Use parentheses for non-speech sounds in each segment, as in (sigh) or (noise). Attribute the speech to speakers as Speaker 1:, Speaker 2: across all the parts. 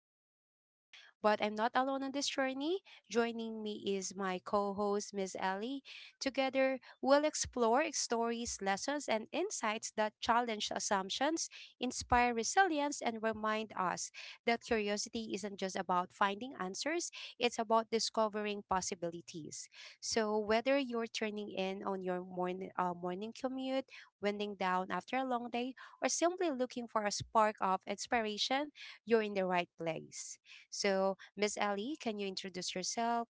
Speaker 1: around us. But I'm not alone on this journey. Joining me is my co-host, Miss Ellie. Together, we'll explore stories, lessons, and insights that challenge assumptions inspire resilience, and remind us that curiosity isn't just about finding answers, it's about discovering possibilities. So, whether you're turning in on your morning commute, winding down after a long day, or simply looking for a spark of inspiration, you're in the right place. So, Miss Ellie, can you introduce yourself?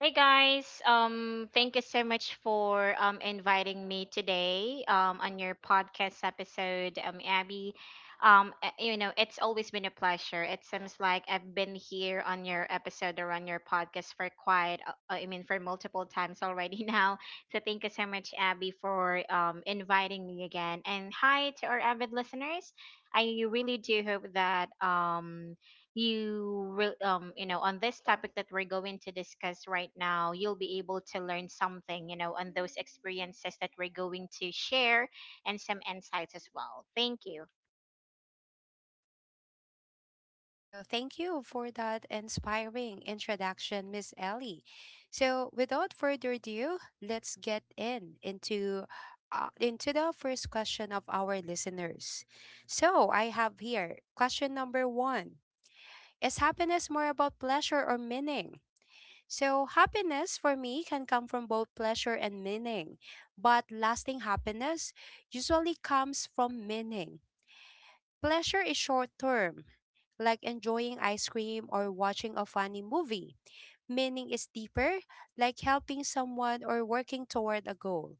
Speaker 2: Hey guys, thank you so much for inviting me today on your podcast episode, Abby. You know, it's always been a pleasure. It seems like I've been here on your episode or on your podcast for quite, I mean, for multiple times already (laughs) now. So thank you so much, Abby, for inviting me again. And hi to our avid listeners. I really do hope that you know, on this topic that we're going to discuss right now, you'll be able to learn something, you know, on those experiences that we're going to share and some insights as well. Thank you.
Speaker 1: All right. So thank you for that inspiring introduction, Miss Ellie. So without further ado, let's get in into the first question of our listeners. So I have here question number 1. Is happiness more about pleasure or meaning? So happiness for me can come from both pleasure and meaning, but lasting happiness usually comes from meaning. Pleasure is short term, like enjoying ice cream or watching a funny movie. Meaning is deeper, like helping someone or working toward a goal.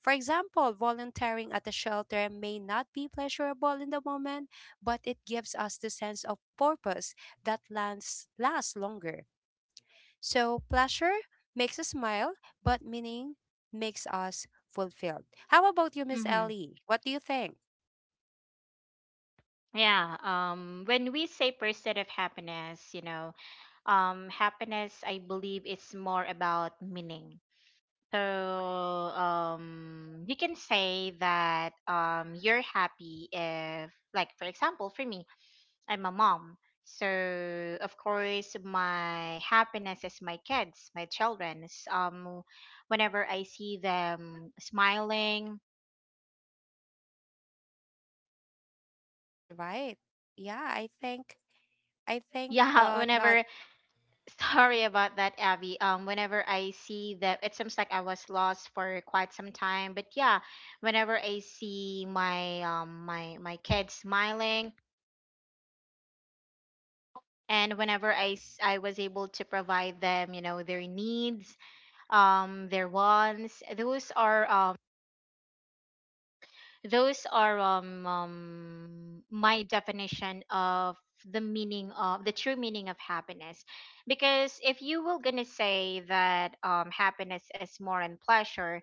Speaker 1: For example, volunteering at a shelter may not be pleasurable in the moment, but it gives us the sense of purpose that lasts longer. So, pleasure makes us smile, but meaning makes us fulfilled. How about you, Miss
Speaker 2: Hmm,
Speaker 1: Ellie? What do you think?
Speaker 2: yeah. When we say pursuit of happiness, you know, happiness, I believe, is more about meaning. So you can say that you're happy if, like, for example, for me, I'm a mom. So of course my happiness is my kids, my children's. Whenever I see them smiling.
Speaker 1: All right. Yeah, I think
Speaker 2: Yeah, (laughs)
Speaker 1: that
Speaker 2: whenever, sorry about that, Abby. Whenever I see that, it seems like I was lost for quite some time. But yeah, whenever I see my my kids smiling, and whenever I was able to provide them, you know, their needs, their wants, those are those are my definition of the true meaning of happiness. Because if you were gonna say that happiness is more in pleasure,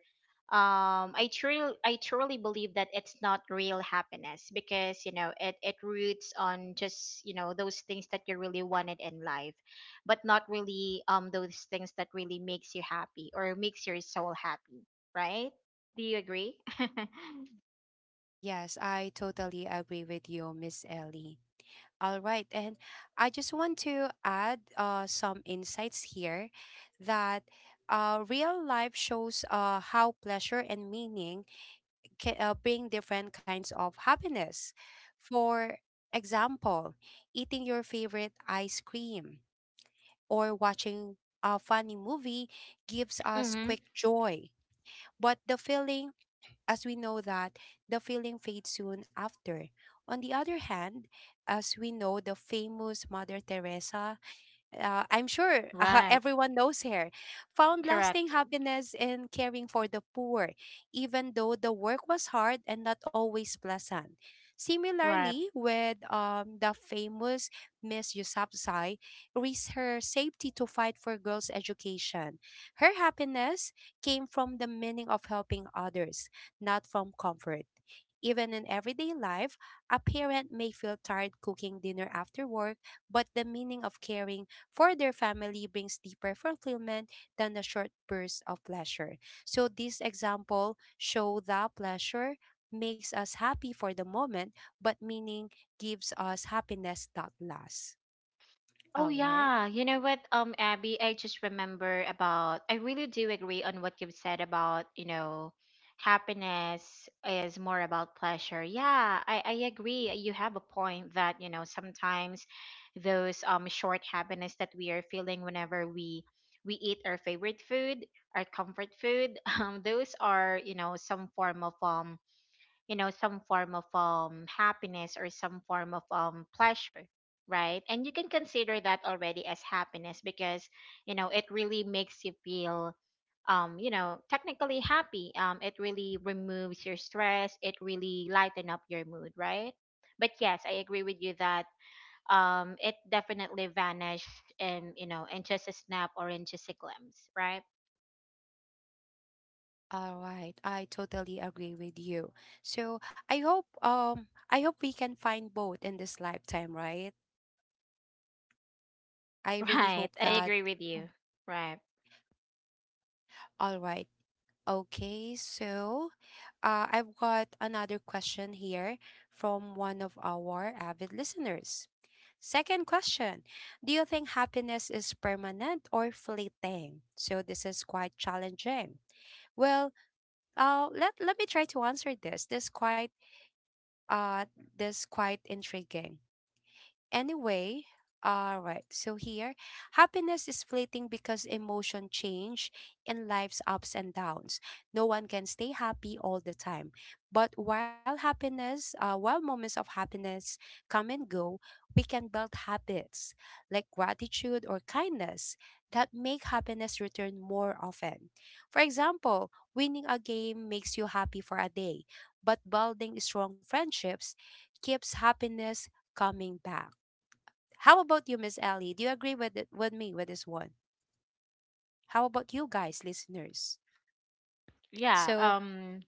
Speaker 2: um, I truly believe that it's not real happiness, because you know it roots on just, you know, those things that you really wanted in life, but not really those things that really makes you happy or makes your soul happy, right? Do you agree? (laughs)
Speaker 1: Yes, I totally agree with you, Miss Ellie. All right, and I just want to add some insights here that real life shows how pleasure and meaning can bring different kinds of happiness. For example, eating your favorite ice cream or watching a funny movie gives us
Speaker 2: Mm-hmm.
Speaker 1: quick joy, but the feeling as we know that the feeling fades soon after. On the other hand, as we know the famous Mother Teresa I'm sure (laughs)
Speaker 2: Right.
Speaker 1: everyone knows her, found lasting
Speaker 2: Correct.
Speaker 1: happiness in caring for the poor, even though the work was hard and not always pleasant.
Speaker 2: Right.
Speaker 1: Similarly, with the famous Miss Yusapzai, risked her safety to fight for girls' education. Her happiness came from the meaning of helping others, not from comfort. Even in everyday life, a parent may feel tired cooking dinner after work, but the meaning of caring for their family brings deeper fulfillment than a short burst of pleasure. So this example show that pleasure makes us happy for the moment, but meaning gives us happiness that lasts.
Speaker 2: Oh
Speaker 1: All right.
Speaker 2: yeah. You know what, Abby, I just remember about, I really do agree on what you've said about, you know, happiness is more about pleasure. Yeah, I agree. You have a point that, you know, sometimes those short happiness that we are feeling whenever we eat our favorite food, our comfort food, (laughs) those are, you know, some form of you know, some form of happiness or some form of pleasure, right? And you can consider that already as happiness because, you know, it really makes you feel, you know, technically happy. It really removes your stress, it really lighten up your mood, right? But yes, I agree with you that it definitely vanished in, you know, in just a snap or in just a glimpse, right?
Speaker 1: All right, I totally agree with you. So I hope we can find both in this lifetime, right? I
Speaker 2: (laughs)
Speaker 1: really
Speaker 2: Right,
Speaker 1: hope
Speaker 2: I
Speaker 1: that.
Speaker 2: agree with
Speaker 1: Mm.
Speaker 2: you. Right.
Speaker 1: All right. Okay, so I've got another question here from one of our avid listeners. Second question. Do you think happiness is permanent or fleeting? So, this is quite challenging. Well, let me try to answer this. Uh, this quite intriguing. Anyway, all right. So here, happiness is fleeting because emotion change and life's ups and downs. No one can stay happy all the time. But while moments of happiness come and go, we can build habits like gratitude or kindness that make happiness return more often. For example, winning a game makes you happy for a day, but building strong friendships keeps happiness coming back. How about you, Miss Ellie? Do you agree with it, with me with this one? How about you guys, listeners?
Speaker 2: Yeah.
Speaker 1: So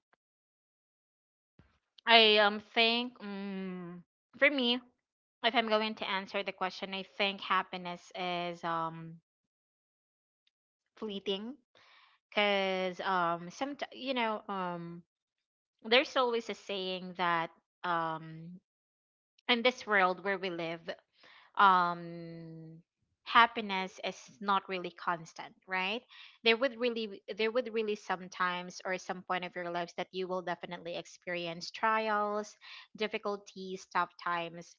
Speaker 2: I think, mm, for me, if I'm going to answer the question, I think happiness is fleeting, because some, you know, there's always a saying that um in this world where we live, um happiness is not really constant, right? There would really sometimes, or some point of your lives, that you will definitely experience trials, difficulties, tough times.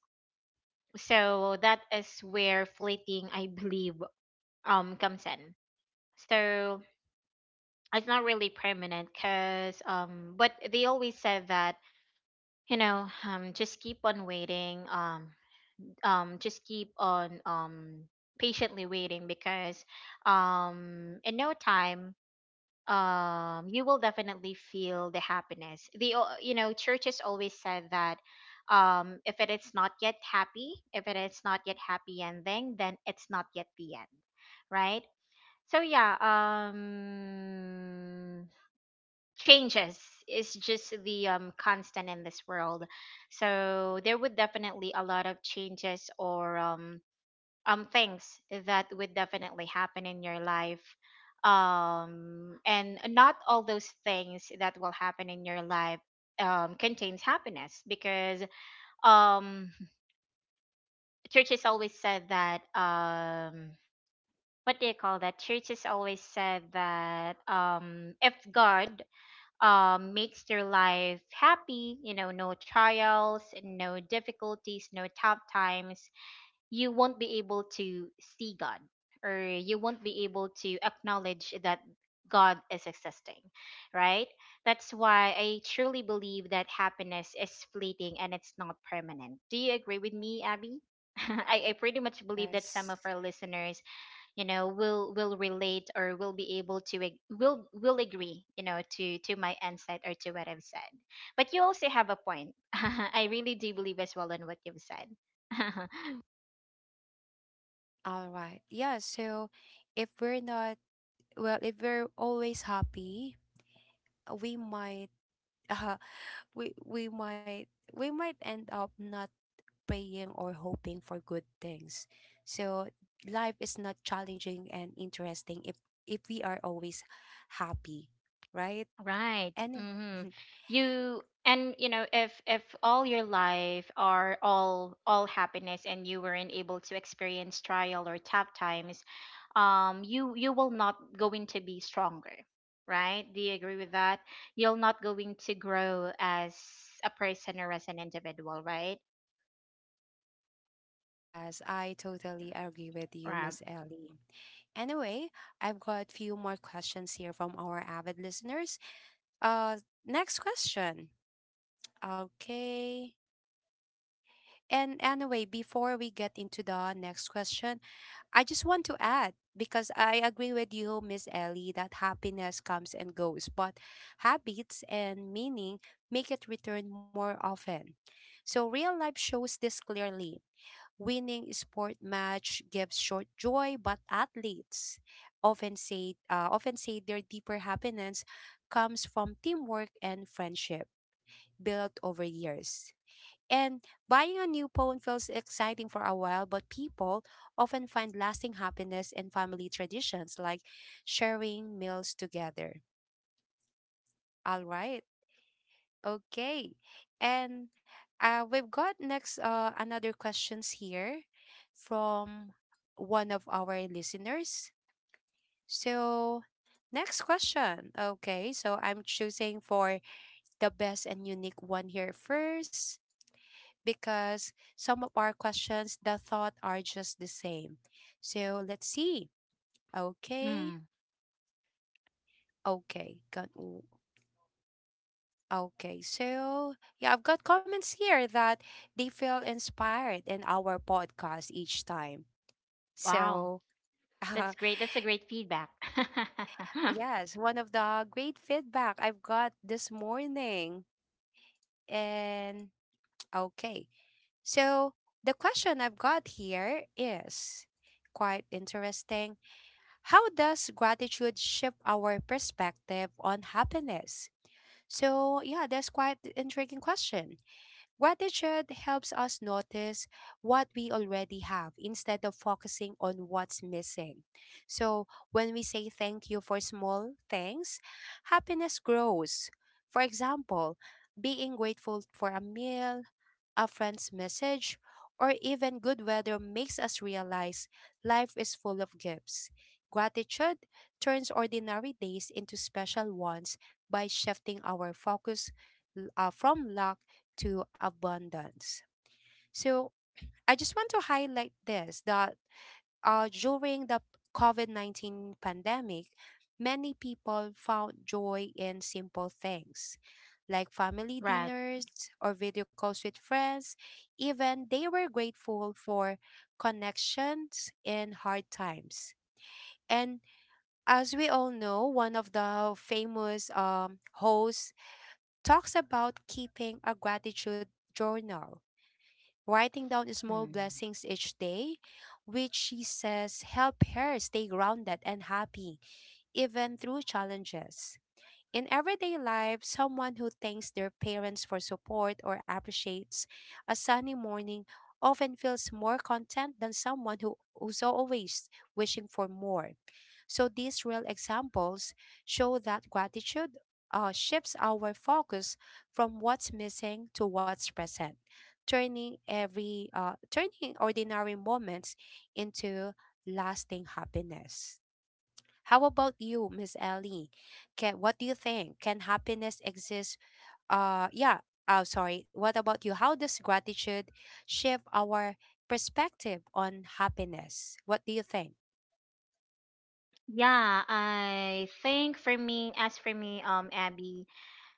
Speaker 2: So that is where fleeting, I believe, comes in. So it's not really permanent, because but they always said that, you know, just keep on waiting, just keep on patiently waiting, because in no time, you will definitely feel the happiness. You know, churches always said that if it is not yet happy ending, then it's not yet the end, right? So yeah, changes is just the constant in this world. So there would definitely a lot of changes, or things that would definitely happen in your life. And not all those things that will happen in your life contains happiness, because um churches always said that, what do you call that churches always said that if
Speaker 1: is it
Speaker 2: God makes your life happy, you know, no trials, no difficulties, no tough times, you won't be able to see God, or you won't be able to acknowledge that God is existing, right? That's why I truly believe that happiness is fleeting and it's not permanent. Do you agree with me, Abby? (laughs) I pretty much believe that some
Speaker 1: yes?
Speaker 2: of our listeners, you know, will relate or will be able to ag- will agree, you know, to my insight or to what I've said. But you also have a point. (laughs) I really do believe as well in what you've said. (laughs)
Speaker 1: All right. Yeah. So if we're not if we're always happy, we might (laughs) uh, we might end up not praying or hoping for good things. So life is not challenging and interesting if we are always happy, right?
Speaker 2: Right.
Speaker 1: Any
Speaker 2: Hmm.
Speaker 1: (laughs)
Speaker 2: You, and you know, if all your life are all happiness, and you weren't able to experience trial or tough times, you you will not going to be stronger, right? Do you agree with that? You're not going to grow as a person or as an individual, right?
Speaker 1: Yes, I totally agree with you,
Speaker 2: Right.
Speaker 1: Miss Ellie. Anyway, I've got few more questions here from our avid listeners. Uh, next question. Okay. And anyway, before we get into the next question, I just want to add because I agree with you, Miss Ellie, that happiness comes and goes, but habits and meaning make it return more often. So real life shows this clearly. Winning sport match gives short joy, but athletes often say their deeper happiness comes from teamwork and friendship built over years. And buying a new phone feels exciting for a while, but people often find lasting happiness in family traditions like sharing meals together. All right. Okay. And we've got next another questions here from one of our listeners. So next question. Okay, so I'm choosing for the best and unique one here first. Because some of our questions, the thought are just the same. So let's see.
Speaker 2: Mm.
Speaker 1: Okay, okay, got w- okay. So yeah, I've got comments here that they feel inspired in our podcast each time.
Speaker 2: Wow,
Speaker 1: So (laughs)
Speaker 2: that's
Speaker 1: uh,
Speaker 2: great. That's a great feedback. (laughs)
Speaker 1: yes, one of the great feedback I've got this morning. And (tsk) okay, so the question I've got here is quite interesting. How does gratitude shift our perspective on happiness? So, yeah, that's quite the intriguing question. Gratitude helps us notice what we already have instead of focusing on what's missing. So, when we say thank you for small things, happiness grows. For example, being grateful for a meal, a friend's message, or even good weather makes us realize life is full of gifts. Gratitude turns ordinary days into special ones by shifting our focus from lack to abundance. So I just want to highlight this that during the COVID COVID-19 pandemic, many people found joy in simple things like family
Speaker 2: Right.
Speaker 1: dinners or video calls with friends. Even they were grateful for connections in hard times. And as we all know, one of the famous hosts talks about keeping a gratitude journal writing down small
Speaker 2: Mm.
Speaker 1: blessings each day, which she says help her stay grounded and happy even through challenges. In everyday life, someone who thanks their parents for support or appreciates a sunny morning often feels more content than who's always wishing for more. So these real examples show that gratitude shifts our focus from what's missing to what's present, turning ordinary moments into lasting happiness. How about you, Miss Ellie? Can what do you think? Can happiness exist? Uh, yeah. Oh, sorry. What about you? How does gratitude shift our perspective on happiness? What do you think?
Speaker 2: Yeah, I think for me, as for me, Abby,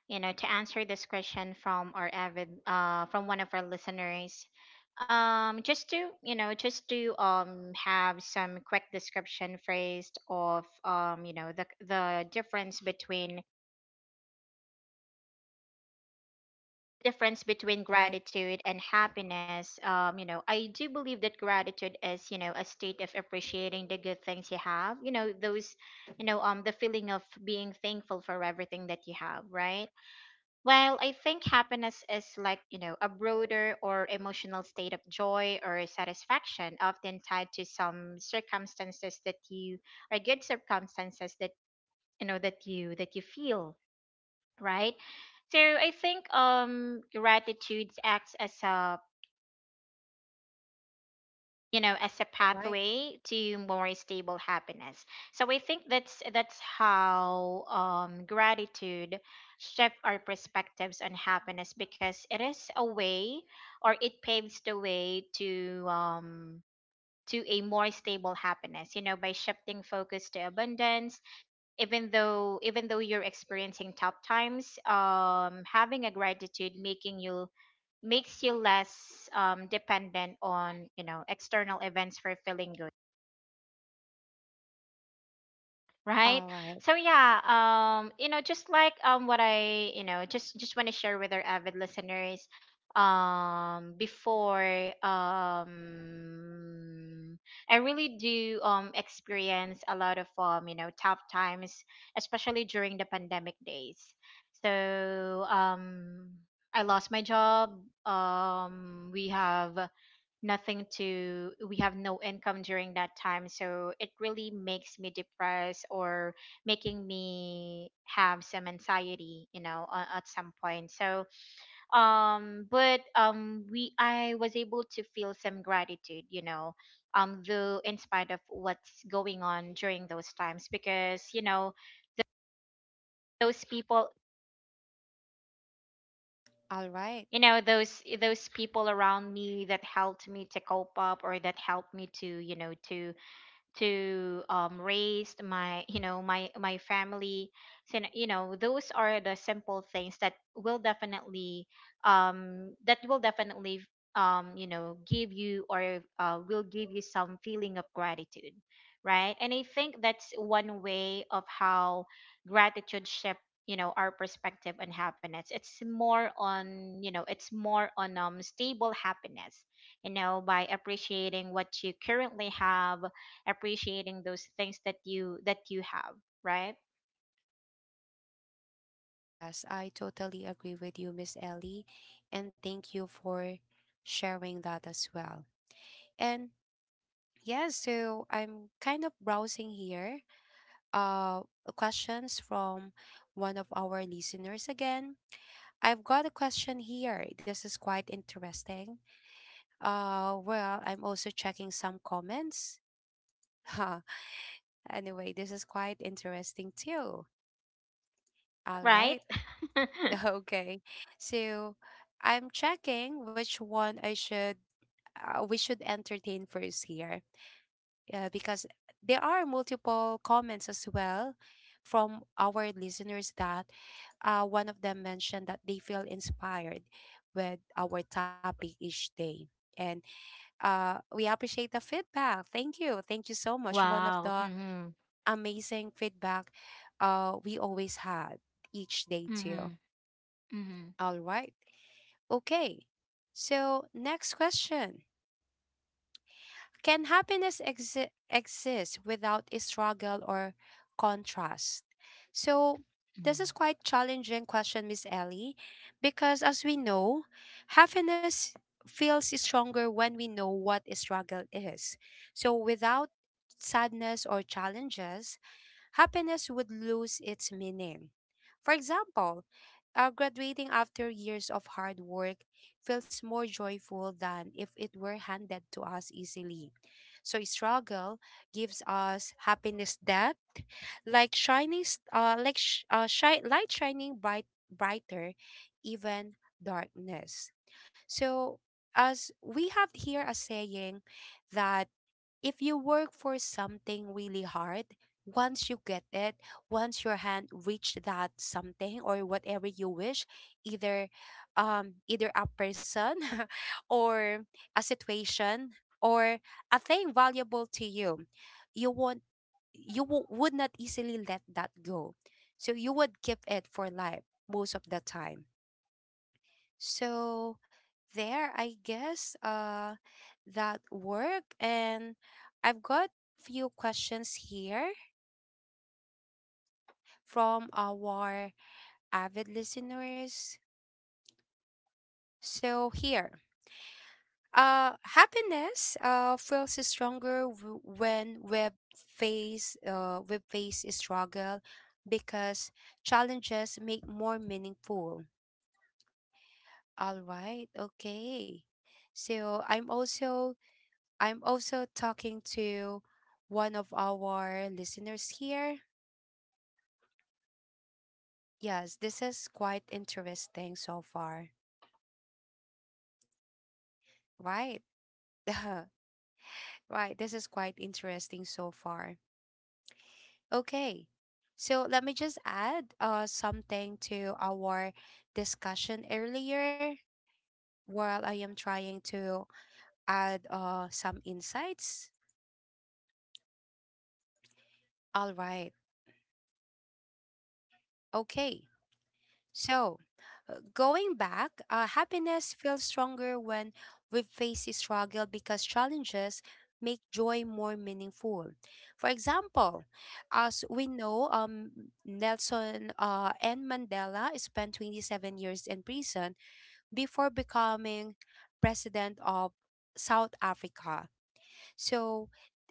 Speaker 2: you know, to answer this question from our avid, from one of our listeners, just to, you know, just to have some quick description first of, you know, the difference between
Speaker 1: All right.
Speaker 2: gratitude and happiness. You know, I do believe that gratitude is, you know, a state of appreciating the good things you have, you know, those, you know, the feeling of being thankful for everything that you have, right? Well, I think happiness is like, you know, broader or emotional state of joy or satisfaction, often tied to some circumstances that you, or good circumstances that, you know, that you feel, right? So I think gratitude acts as a, you know, as a
Speaker 1: All right.
Speaker 2: pathway to more stable happiness. So I think that's how gratitude shift our perspectives on happiness, because it is a way, or it paves the way to a more stable happiness, you know, by shifting focus to abundance. Even though you're experiencing tough times, having a gratitude making you makes you less dependent on, you know, external events for feeling good, right?
Speaker 1: All right.
Speaker 2: So yeah, you know, just like what I you know, just want to share with our avid listeners, before I really do experience a lot of, you know, tough times, especially during the pandemic days. So I lost my job. We have nothing to, we have no income during that time, so it really makes me depressed, or making me have some anxiety, you know, at some point. So but we I was able to feel some gratitude, you know, though in spite of what's going on during those times, because you know, those people,
Speaker 1: All right.
Speaker 2: you know, those people around me that helped me to cope up, or that helped me to, you know, to raise my, you know, my family. So you know, those are the simple things that will definitely um that will definitely you know, give you, or will give you some feeling of gratitude, right? And I think that's one way of how gratitude shift you know, our perspective on happiness. It's more on, you know, it's more on stable happiness, you know, by appreciating what you currently have, appreciating those things that you have, right?
Speaker 1: Yes, I totally agree with you, Miss Ellie, and thank you for sharing that as well. And yeah, so I'm kind of browsing here uh questions from one of our listeners again. I've got a question here. This is quite interesting. Well, I'm also checking some comments. (laughs) Huh. Anyway, this is quite interesting too. All
Speaker 2: Right?
Speaker 1: right. (laughs)
Speaker 2: (laughs)
Speaker 1: Okay. So, I'm checking which one I should we should entertain first here. Because there are multiple comments as well from our listeners that one of them mentioned that they feel inspired with our topic each day. And we appreciate the feedback. Thank you. Thank you so much. One of
Speaker 2: Wow.
Speaker 1: the
Speaker 2: Mhm.
Speaker 1: amazing feedback we always had each day, too.
Speaker 2: Mhm. Mhm.
Speaker 1: All right. Okay. So, next question. Can exist without a struggle or contrast? So,
Speaker 2: Mm.
Speaker 1: this is quite challenging question, Miss Ellie, because as we know, happiness feels stronger when we know what a struggle is. So, without sadness or challenges, happiness would lose its meaning. For example, graduating
Speaker 2: Yeah,
Speaker 1: after
Speaker 2: right.
Speaker 1: years
Speaker 2: I
Speaker 1: of hard
Speaker 2: agree.
Speaker 1: work
Speaker 2: Yeah.
Speaker 1: feels
Speaker 2: (laughs)
Speaker 1: more joyful than if it were handed
Speaker 2: I
Speaker 1: to
Speaker 2: agree
Speaker 1: us
Speaker 2: with what you've
Speaker 1: easily.
Speaker 2: said.
Speaker 1: So, struggle gives us happiness depth, like shining, s- like sh- shi- light shining brighter, even darkness. So, as we have here a saying that if you work for something really hard, once you get it, once your hand reach that something or whatever you wish, either a person (laughs) or a situation or a thing valuable to you, you won't you w- would not easily let that go. So you would keep it for life most of the time. So there, I guess that work and I've got few questions here from our avid listeners. So here, happiness feels stronger when we face struggle because challenges make more meaningful. All right. Okay. So I'm also talking to one of our listeners here. Yes, this is quite interesting so far. Right. (laughs) right. This is quite interesting so far. Okay. So let me just add something to our discussion earlier while I am trying to add some insights. All right. Okay. So, going back, happiness feels stronger when we face a struggle because challenges make joy more meaningful. For example, as we know, Nelson and Mandela spent 27 years in prison before becoming president of South Africa. So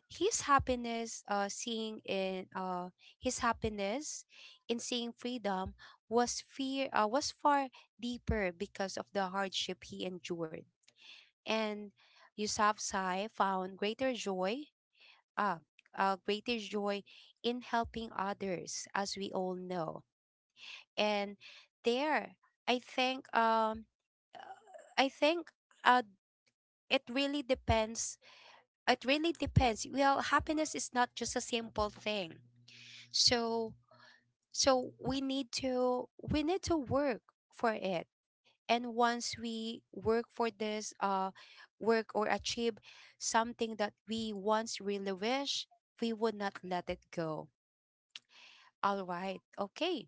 Speaker 1: his happiness uh seeing in uh his happiness in seeing freedom was fear was far deeper because of the hardship he endured. And Yousafzai found uh, greater joy in helping others, as we all know. And there I think uh, I think uh it really depends, well, happiness is not just a simple thing, so we need to, work for it. And once we work for this, work or achieve something that we once really wish, we would not let it go. All right. Okay.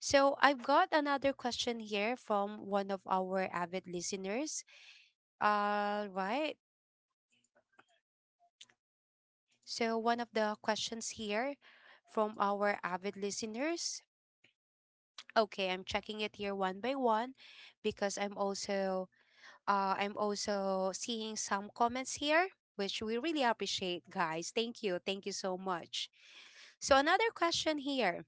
Speaker 1: So I've got another question here from one of our avid listeners. All right. So one of the questions here from our avid listeners. Okay, I'm checking it here one by one because I'm also seeing some comments here, which we really appreciate, guys. Thank you. Thank you so much. So another question here.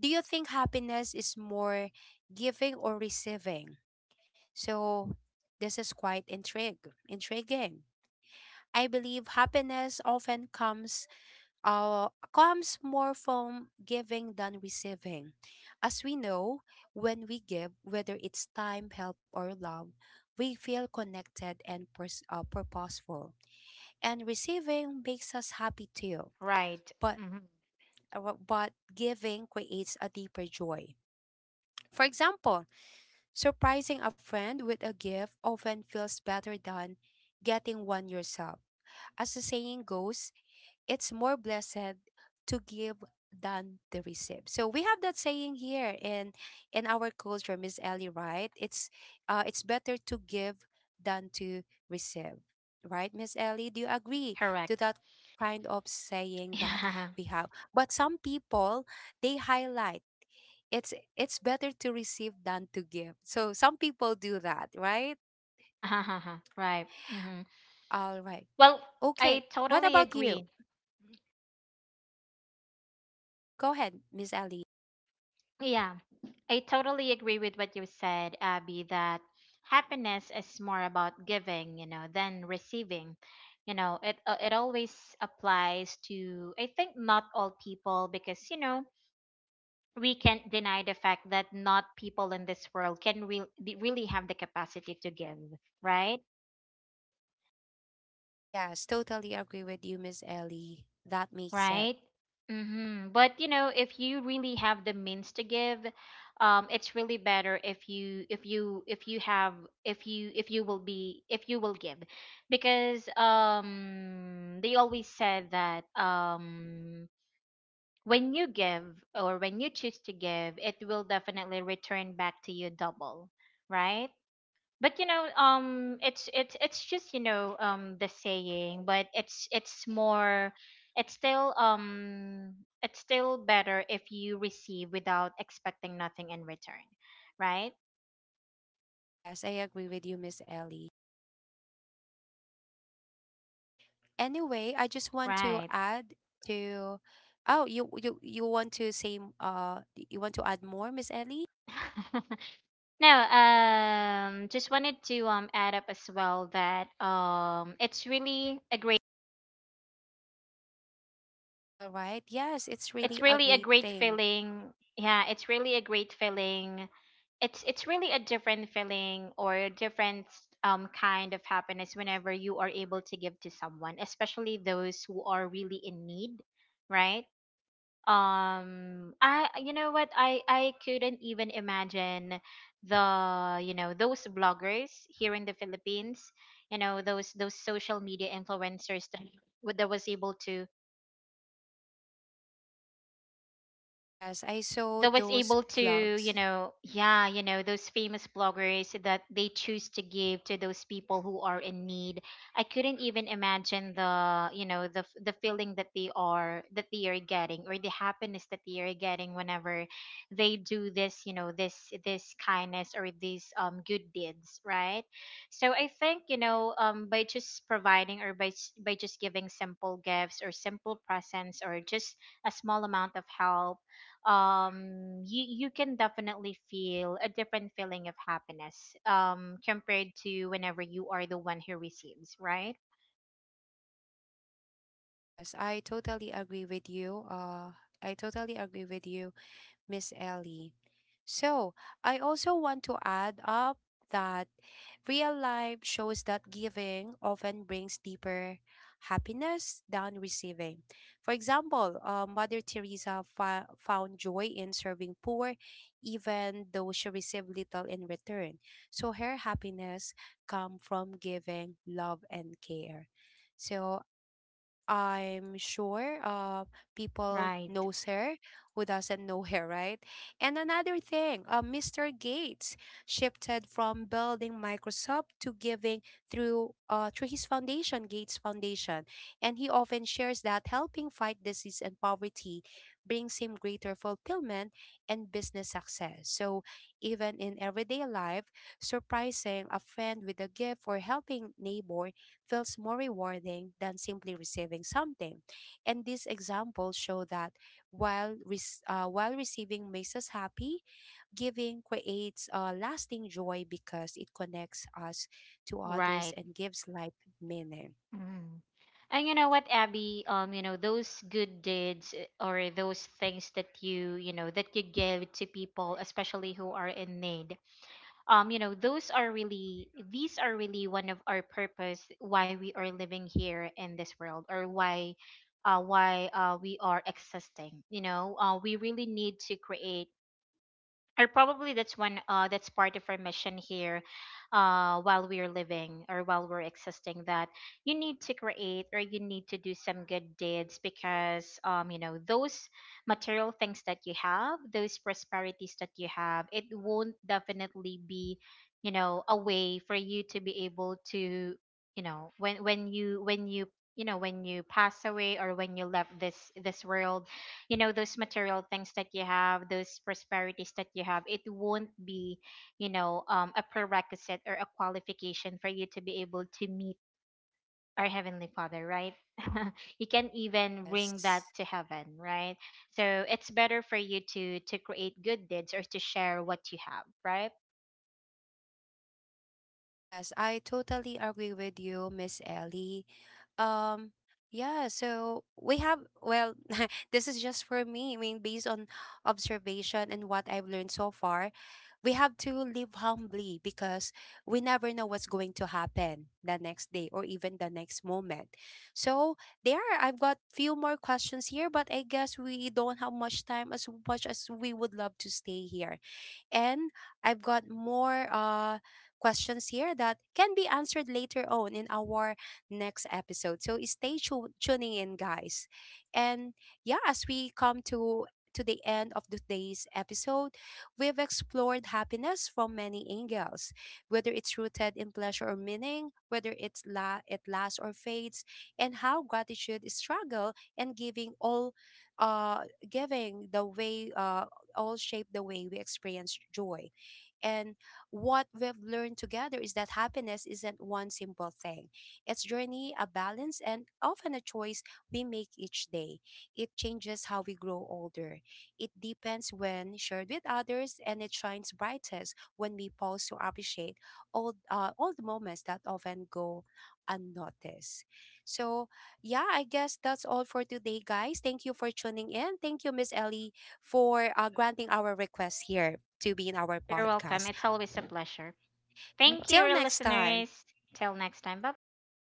Speaker 1: Do you think happiness is more giving or receiving? So this is intriguing. I believe happiness often comes more from giving than receiving. As we know, when we give, whether it's time, help, or love, we feel connected and purposeful. And receiving makes us happy too,
Speaker 2: Right.
Speaker 1: but,
Speaker 2: Hmm.
Speaker 1: but giving creates a deeper joy. For example, surprising a friend with a gift often feels better than getting one yourself. As the saying goes, it's more blessed to give than to receive. So we have that saying here in our culture, Miss Ellie, right? It's it's better to give than to receive. Right, Miss Ellie? Do you agree to
Speaker 2: Correct. (laughs)
Speaker 1: that kind of saying that
Speaker 2: Yeah.
Speaker 1: we have? But some people, they highlight it's, better to receive than to give. So some people do that, right?
Speaker 2: (laughs) Right. Hmm.
Speaker 1: All right.
Speaker 2: Well,
Speaker 1: Okay.
Speaker 2: I
Speaker 1: What
Speaker 2: totally
Speaker 1: about you?
Speaker 2: agree.
Speaker 1: Go ahead, Miss Ellie.
Speaker 2: Yeah. I totally agree with what you said, Abby, that happiness is more about giving, you know, than receiving. You know, it it always applies to, I think, not all people, because, you know, we can't deny the fact that not people in this world can really have the capacity to give, right?
Speaker 1: Yes, totally agree with you, Miss Ellie. That makes sense.
Speaker 2: Right? Mm-hmm. But you know, if you really have the means to give, it's really better if you if you if you have if you will be, if you will give, because they always said that when you give, or when you choose to give, it will definitely return back to you double, right? But you know, it's just, you know, the saying, but it's more, it's still um it's still better if you receive without expecting nothing in return, right?
Speaker 1: Yes, I agree with you, Miss Ellie. Anyway, I just want to
Speaker 2: Right.
Speaker 1: add to. Oh, you want to say, you want to add more, Miss Ellie?
Speaker 2: (laughs) No, just wanted to add up as well that it's really a great,
Speaker 1: All right. Yes, it's
Speaker 2: it's
Speaker 1: really a
Speaker 2: really a
Speaker 1: great
Speaker 2: great
Speaker 1: thing.
Speaker 2: feeling. Yeah, it's really a great feeling. It's really a different feeling, or a different kind of happiness whenever you are able to give to someone, especially those who are really in need, right? I You know what, I couldn't even imagine the, you know, those bloggers here in the Philippines, you know, those social media influencers that, w- that was able to
Speaker 1: Yes, I saw
Speaker 2: that was
Speaker 1: those
Speaker 2: able to, you
Speaker 1: vlogs.
Speaker 2: know, yeah, you know those famous bloggers, that they choose to give to those people who are in need. I couldn't even imagine the, you know, the feeling that they are, that they are getting, or the happiness that they are getting whenever they do this, you know, this kindness, or these good deeds, right? So I think, you know, by just providing, or by just giving simple gifts or simple presents, or just a small amount of help, you you can definitely feel a different feeling of happiness, compared to whenever you are the one who receives, right?
Speaker 1: Yes, I totally agree with you. I totally agree with you, Miss Ellie. So, I also want to add up that real life shows that giving often brings deeper happiness than receiving. For example, Mother Teresa found joy in serving poor, even though she received little in return. So, her happiness come from giving love and care. So I'm sure people
Speaker 2: Right.
Speaker 1: knows her, who doesn't know her, right? And another thing, Mr. Gates shifted from building Microsoft to giving through his foundation, Gates Foundation, and he often shares that helping fight disease and poverty brings him greater fulfillment and business success. So even in everyday life, surprising a friend with a gift or helping neighbor feels more rewarding than simply receiving something. And these examples show that while while receiving makes us happy, giving creates a lasting joy because it connects us to others
Speaker 2: Right.
Speaker 1: and gives life meaning.
Speaker 2: Mm. And you know what, Abby, you know, those good deeds, eh, or those things that you know that you give to people, especially who are in need, you know, those are really, these are really one of our purpose why we are living here in this world, or why, we are existing. You know, we really need to create, or probably that's one that's part of our mission here, while we're living or while we're existing, that you need to create or you need to do some good deeds. Because you know, those material things that you have, those prosperities that you have, it won't definitely be, you know, a way for you to be able to, you know, when you when you know, when you pass away, or when you left this world, you know, those material things that you have, those prosperities that you have, it won't be, you know, a prerequisite or a qualification for you to be able to meet our Heavenly Father, right? (laughs) You can even bring that
Speaker 1: Yes.
Speaker 2: to heaven, right? So it's better for you to create good deeds or to share what you have, right?
Speaker 1: Yes, I totally agree with you, Miss Ellie. Um, yeah, so we have, well, (laughs) this is just for me. I mean, based on observation and what I've learned so far, we have to live humbly because we never know what's going to happen the next day or even the next moment. So there, I've got few more questions here, but I guess we don't have much time as much as we would love to stay here. And I've got more questions here that can be answered later on in our next episode. So stay tuning in, guys. And yeah, as we come to the end of today's episode, we've explored happiness from many angles, whether it's rooted in pleasure or meaning, whether it lasts or fades, and how gratitude, struggle, and giving all, uh, giving the way all shape the way we experience joy. And what we've learned together is that happiness isn't one simple thing. It's journey, a balance, and often a choice we make each day. It changes how we grow older. It deepens when shared with others, and it shines brightest when we pause to appreciate all the moments that often go unnoticed. So yeah, I guess that's all for today, guys. Thank you for tuning in. Thank you, Miss Ellie, for granting our request here to be in our
Speaker 2: You're welcome,
Speaker 1: podcast.
Speaker 2: it's always a pleasure. Thank you,
Speaker 1: Until
Speaker 2: our
Speaker 1: next time.
Speaker 2: listeners. Till next time, bye bye.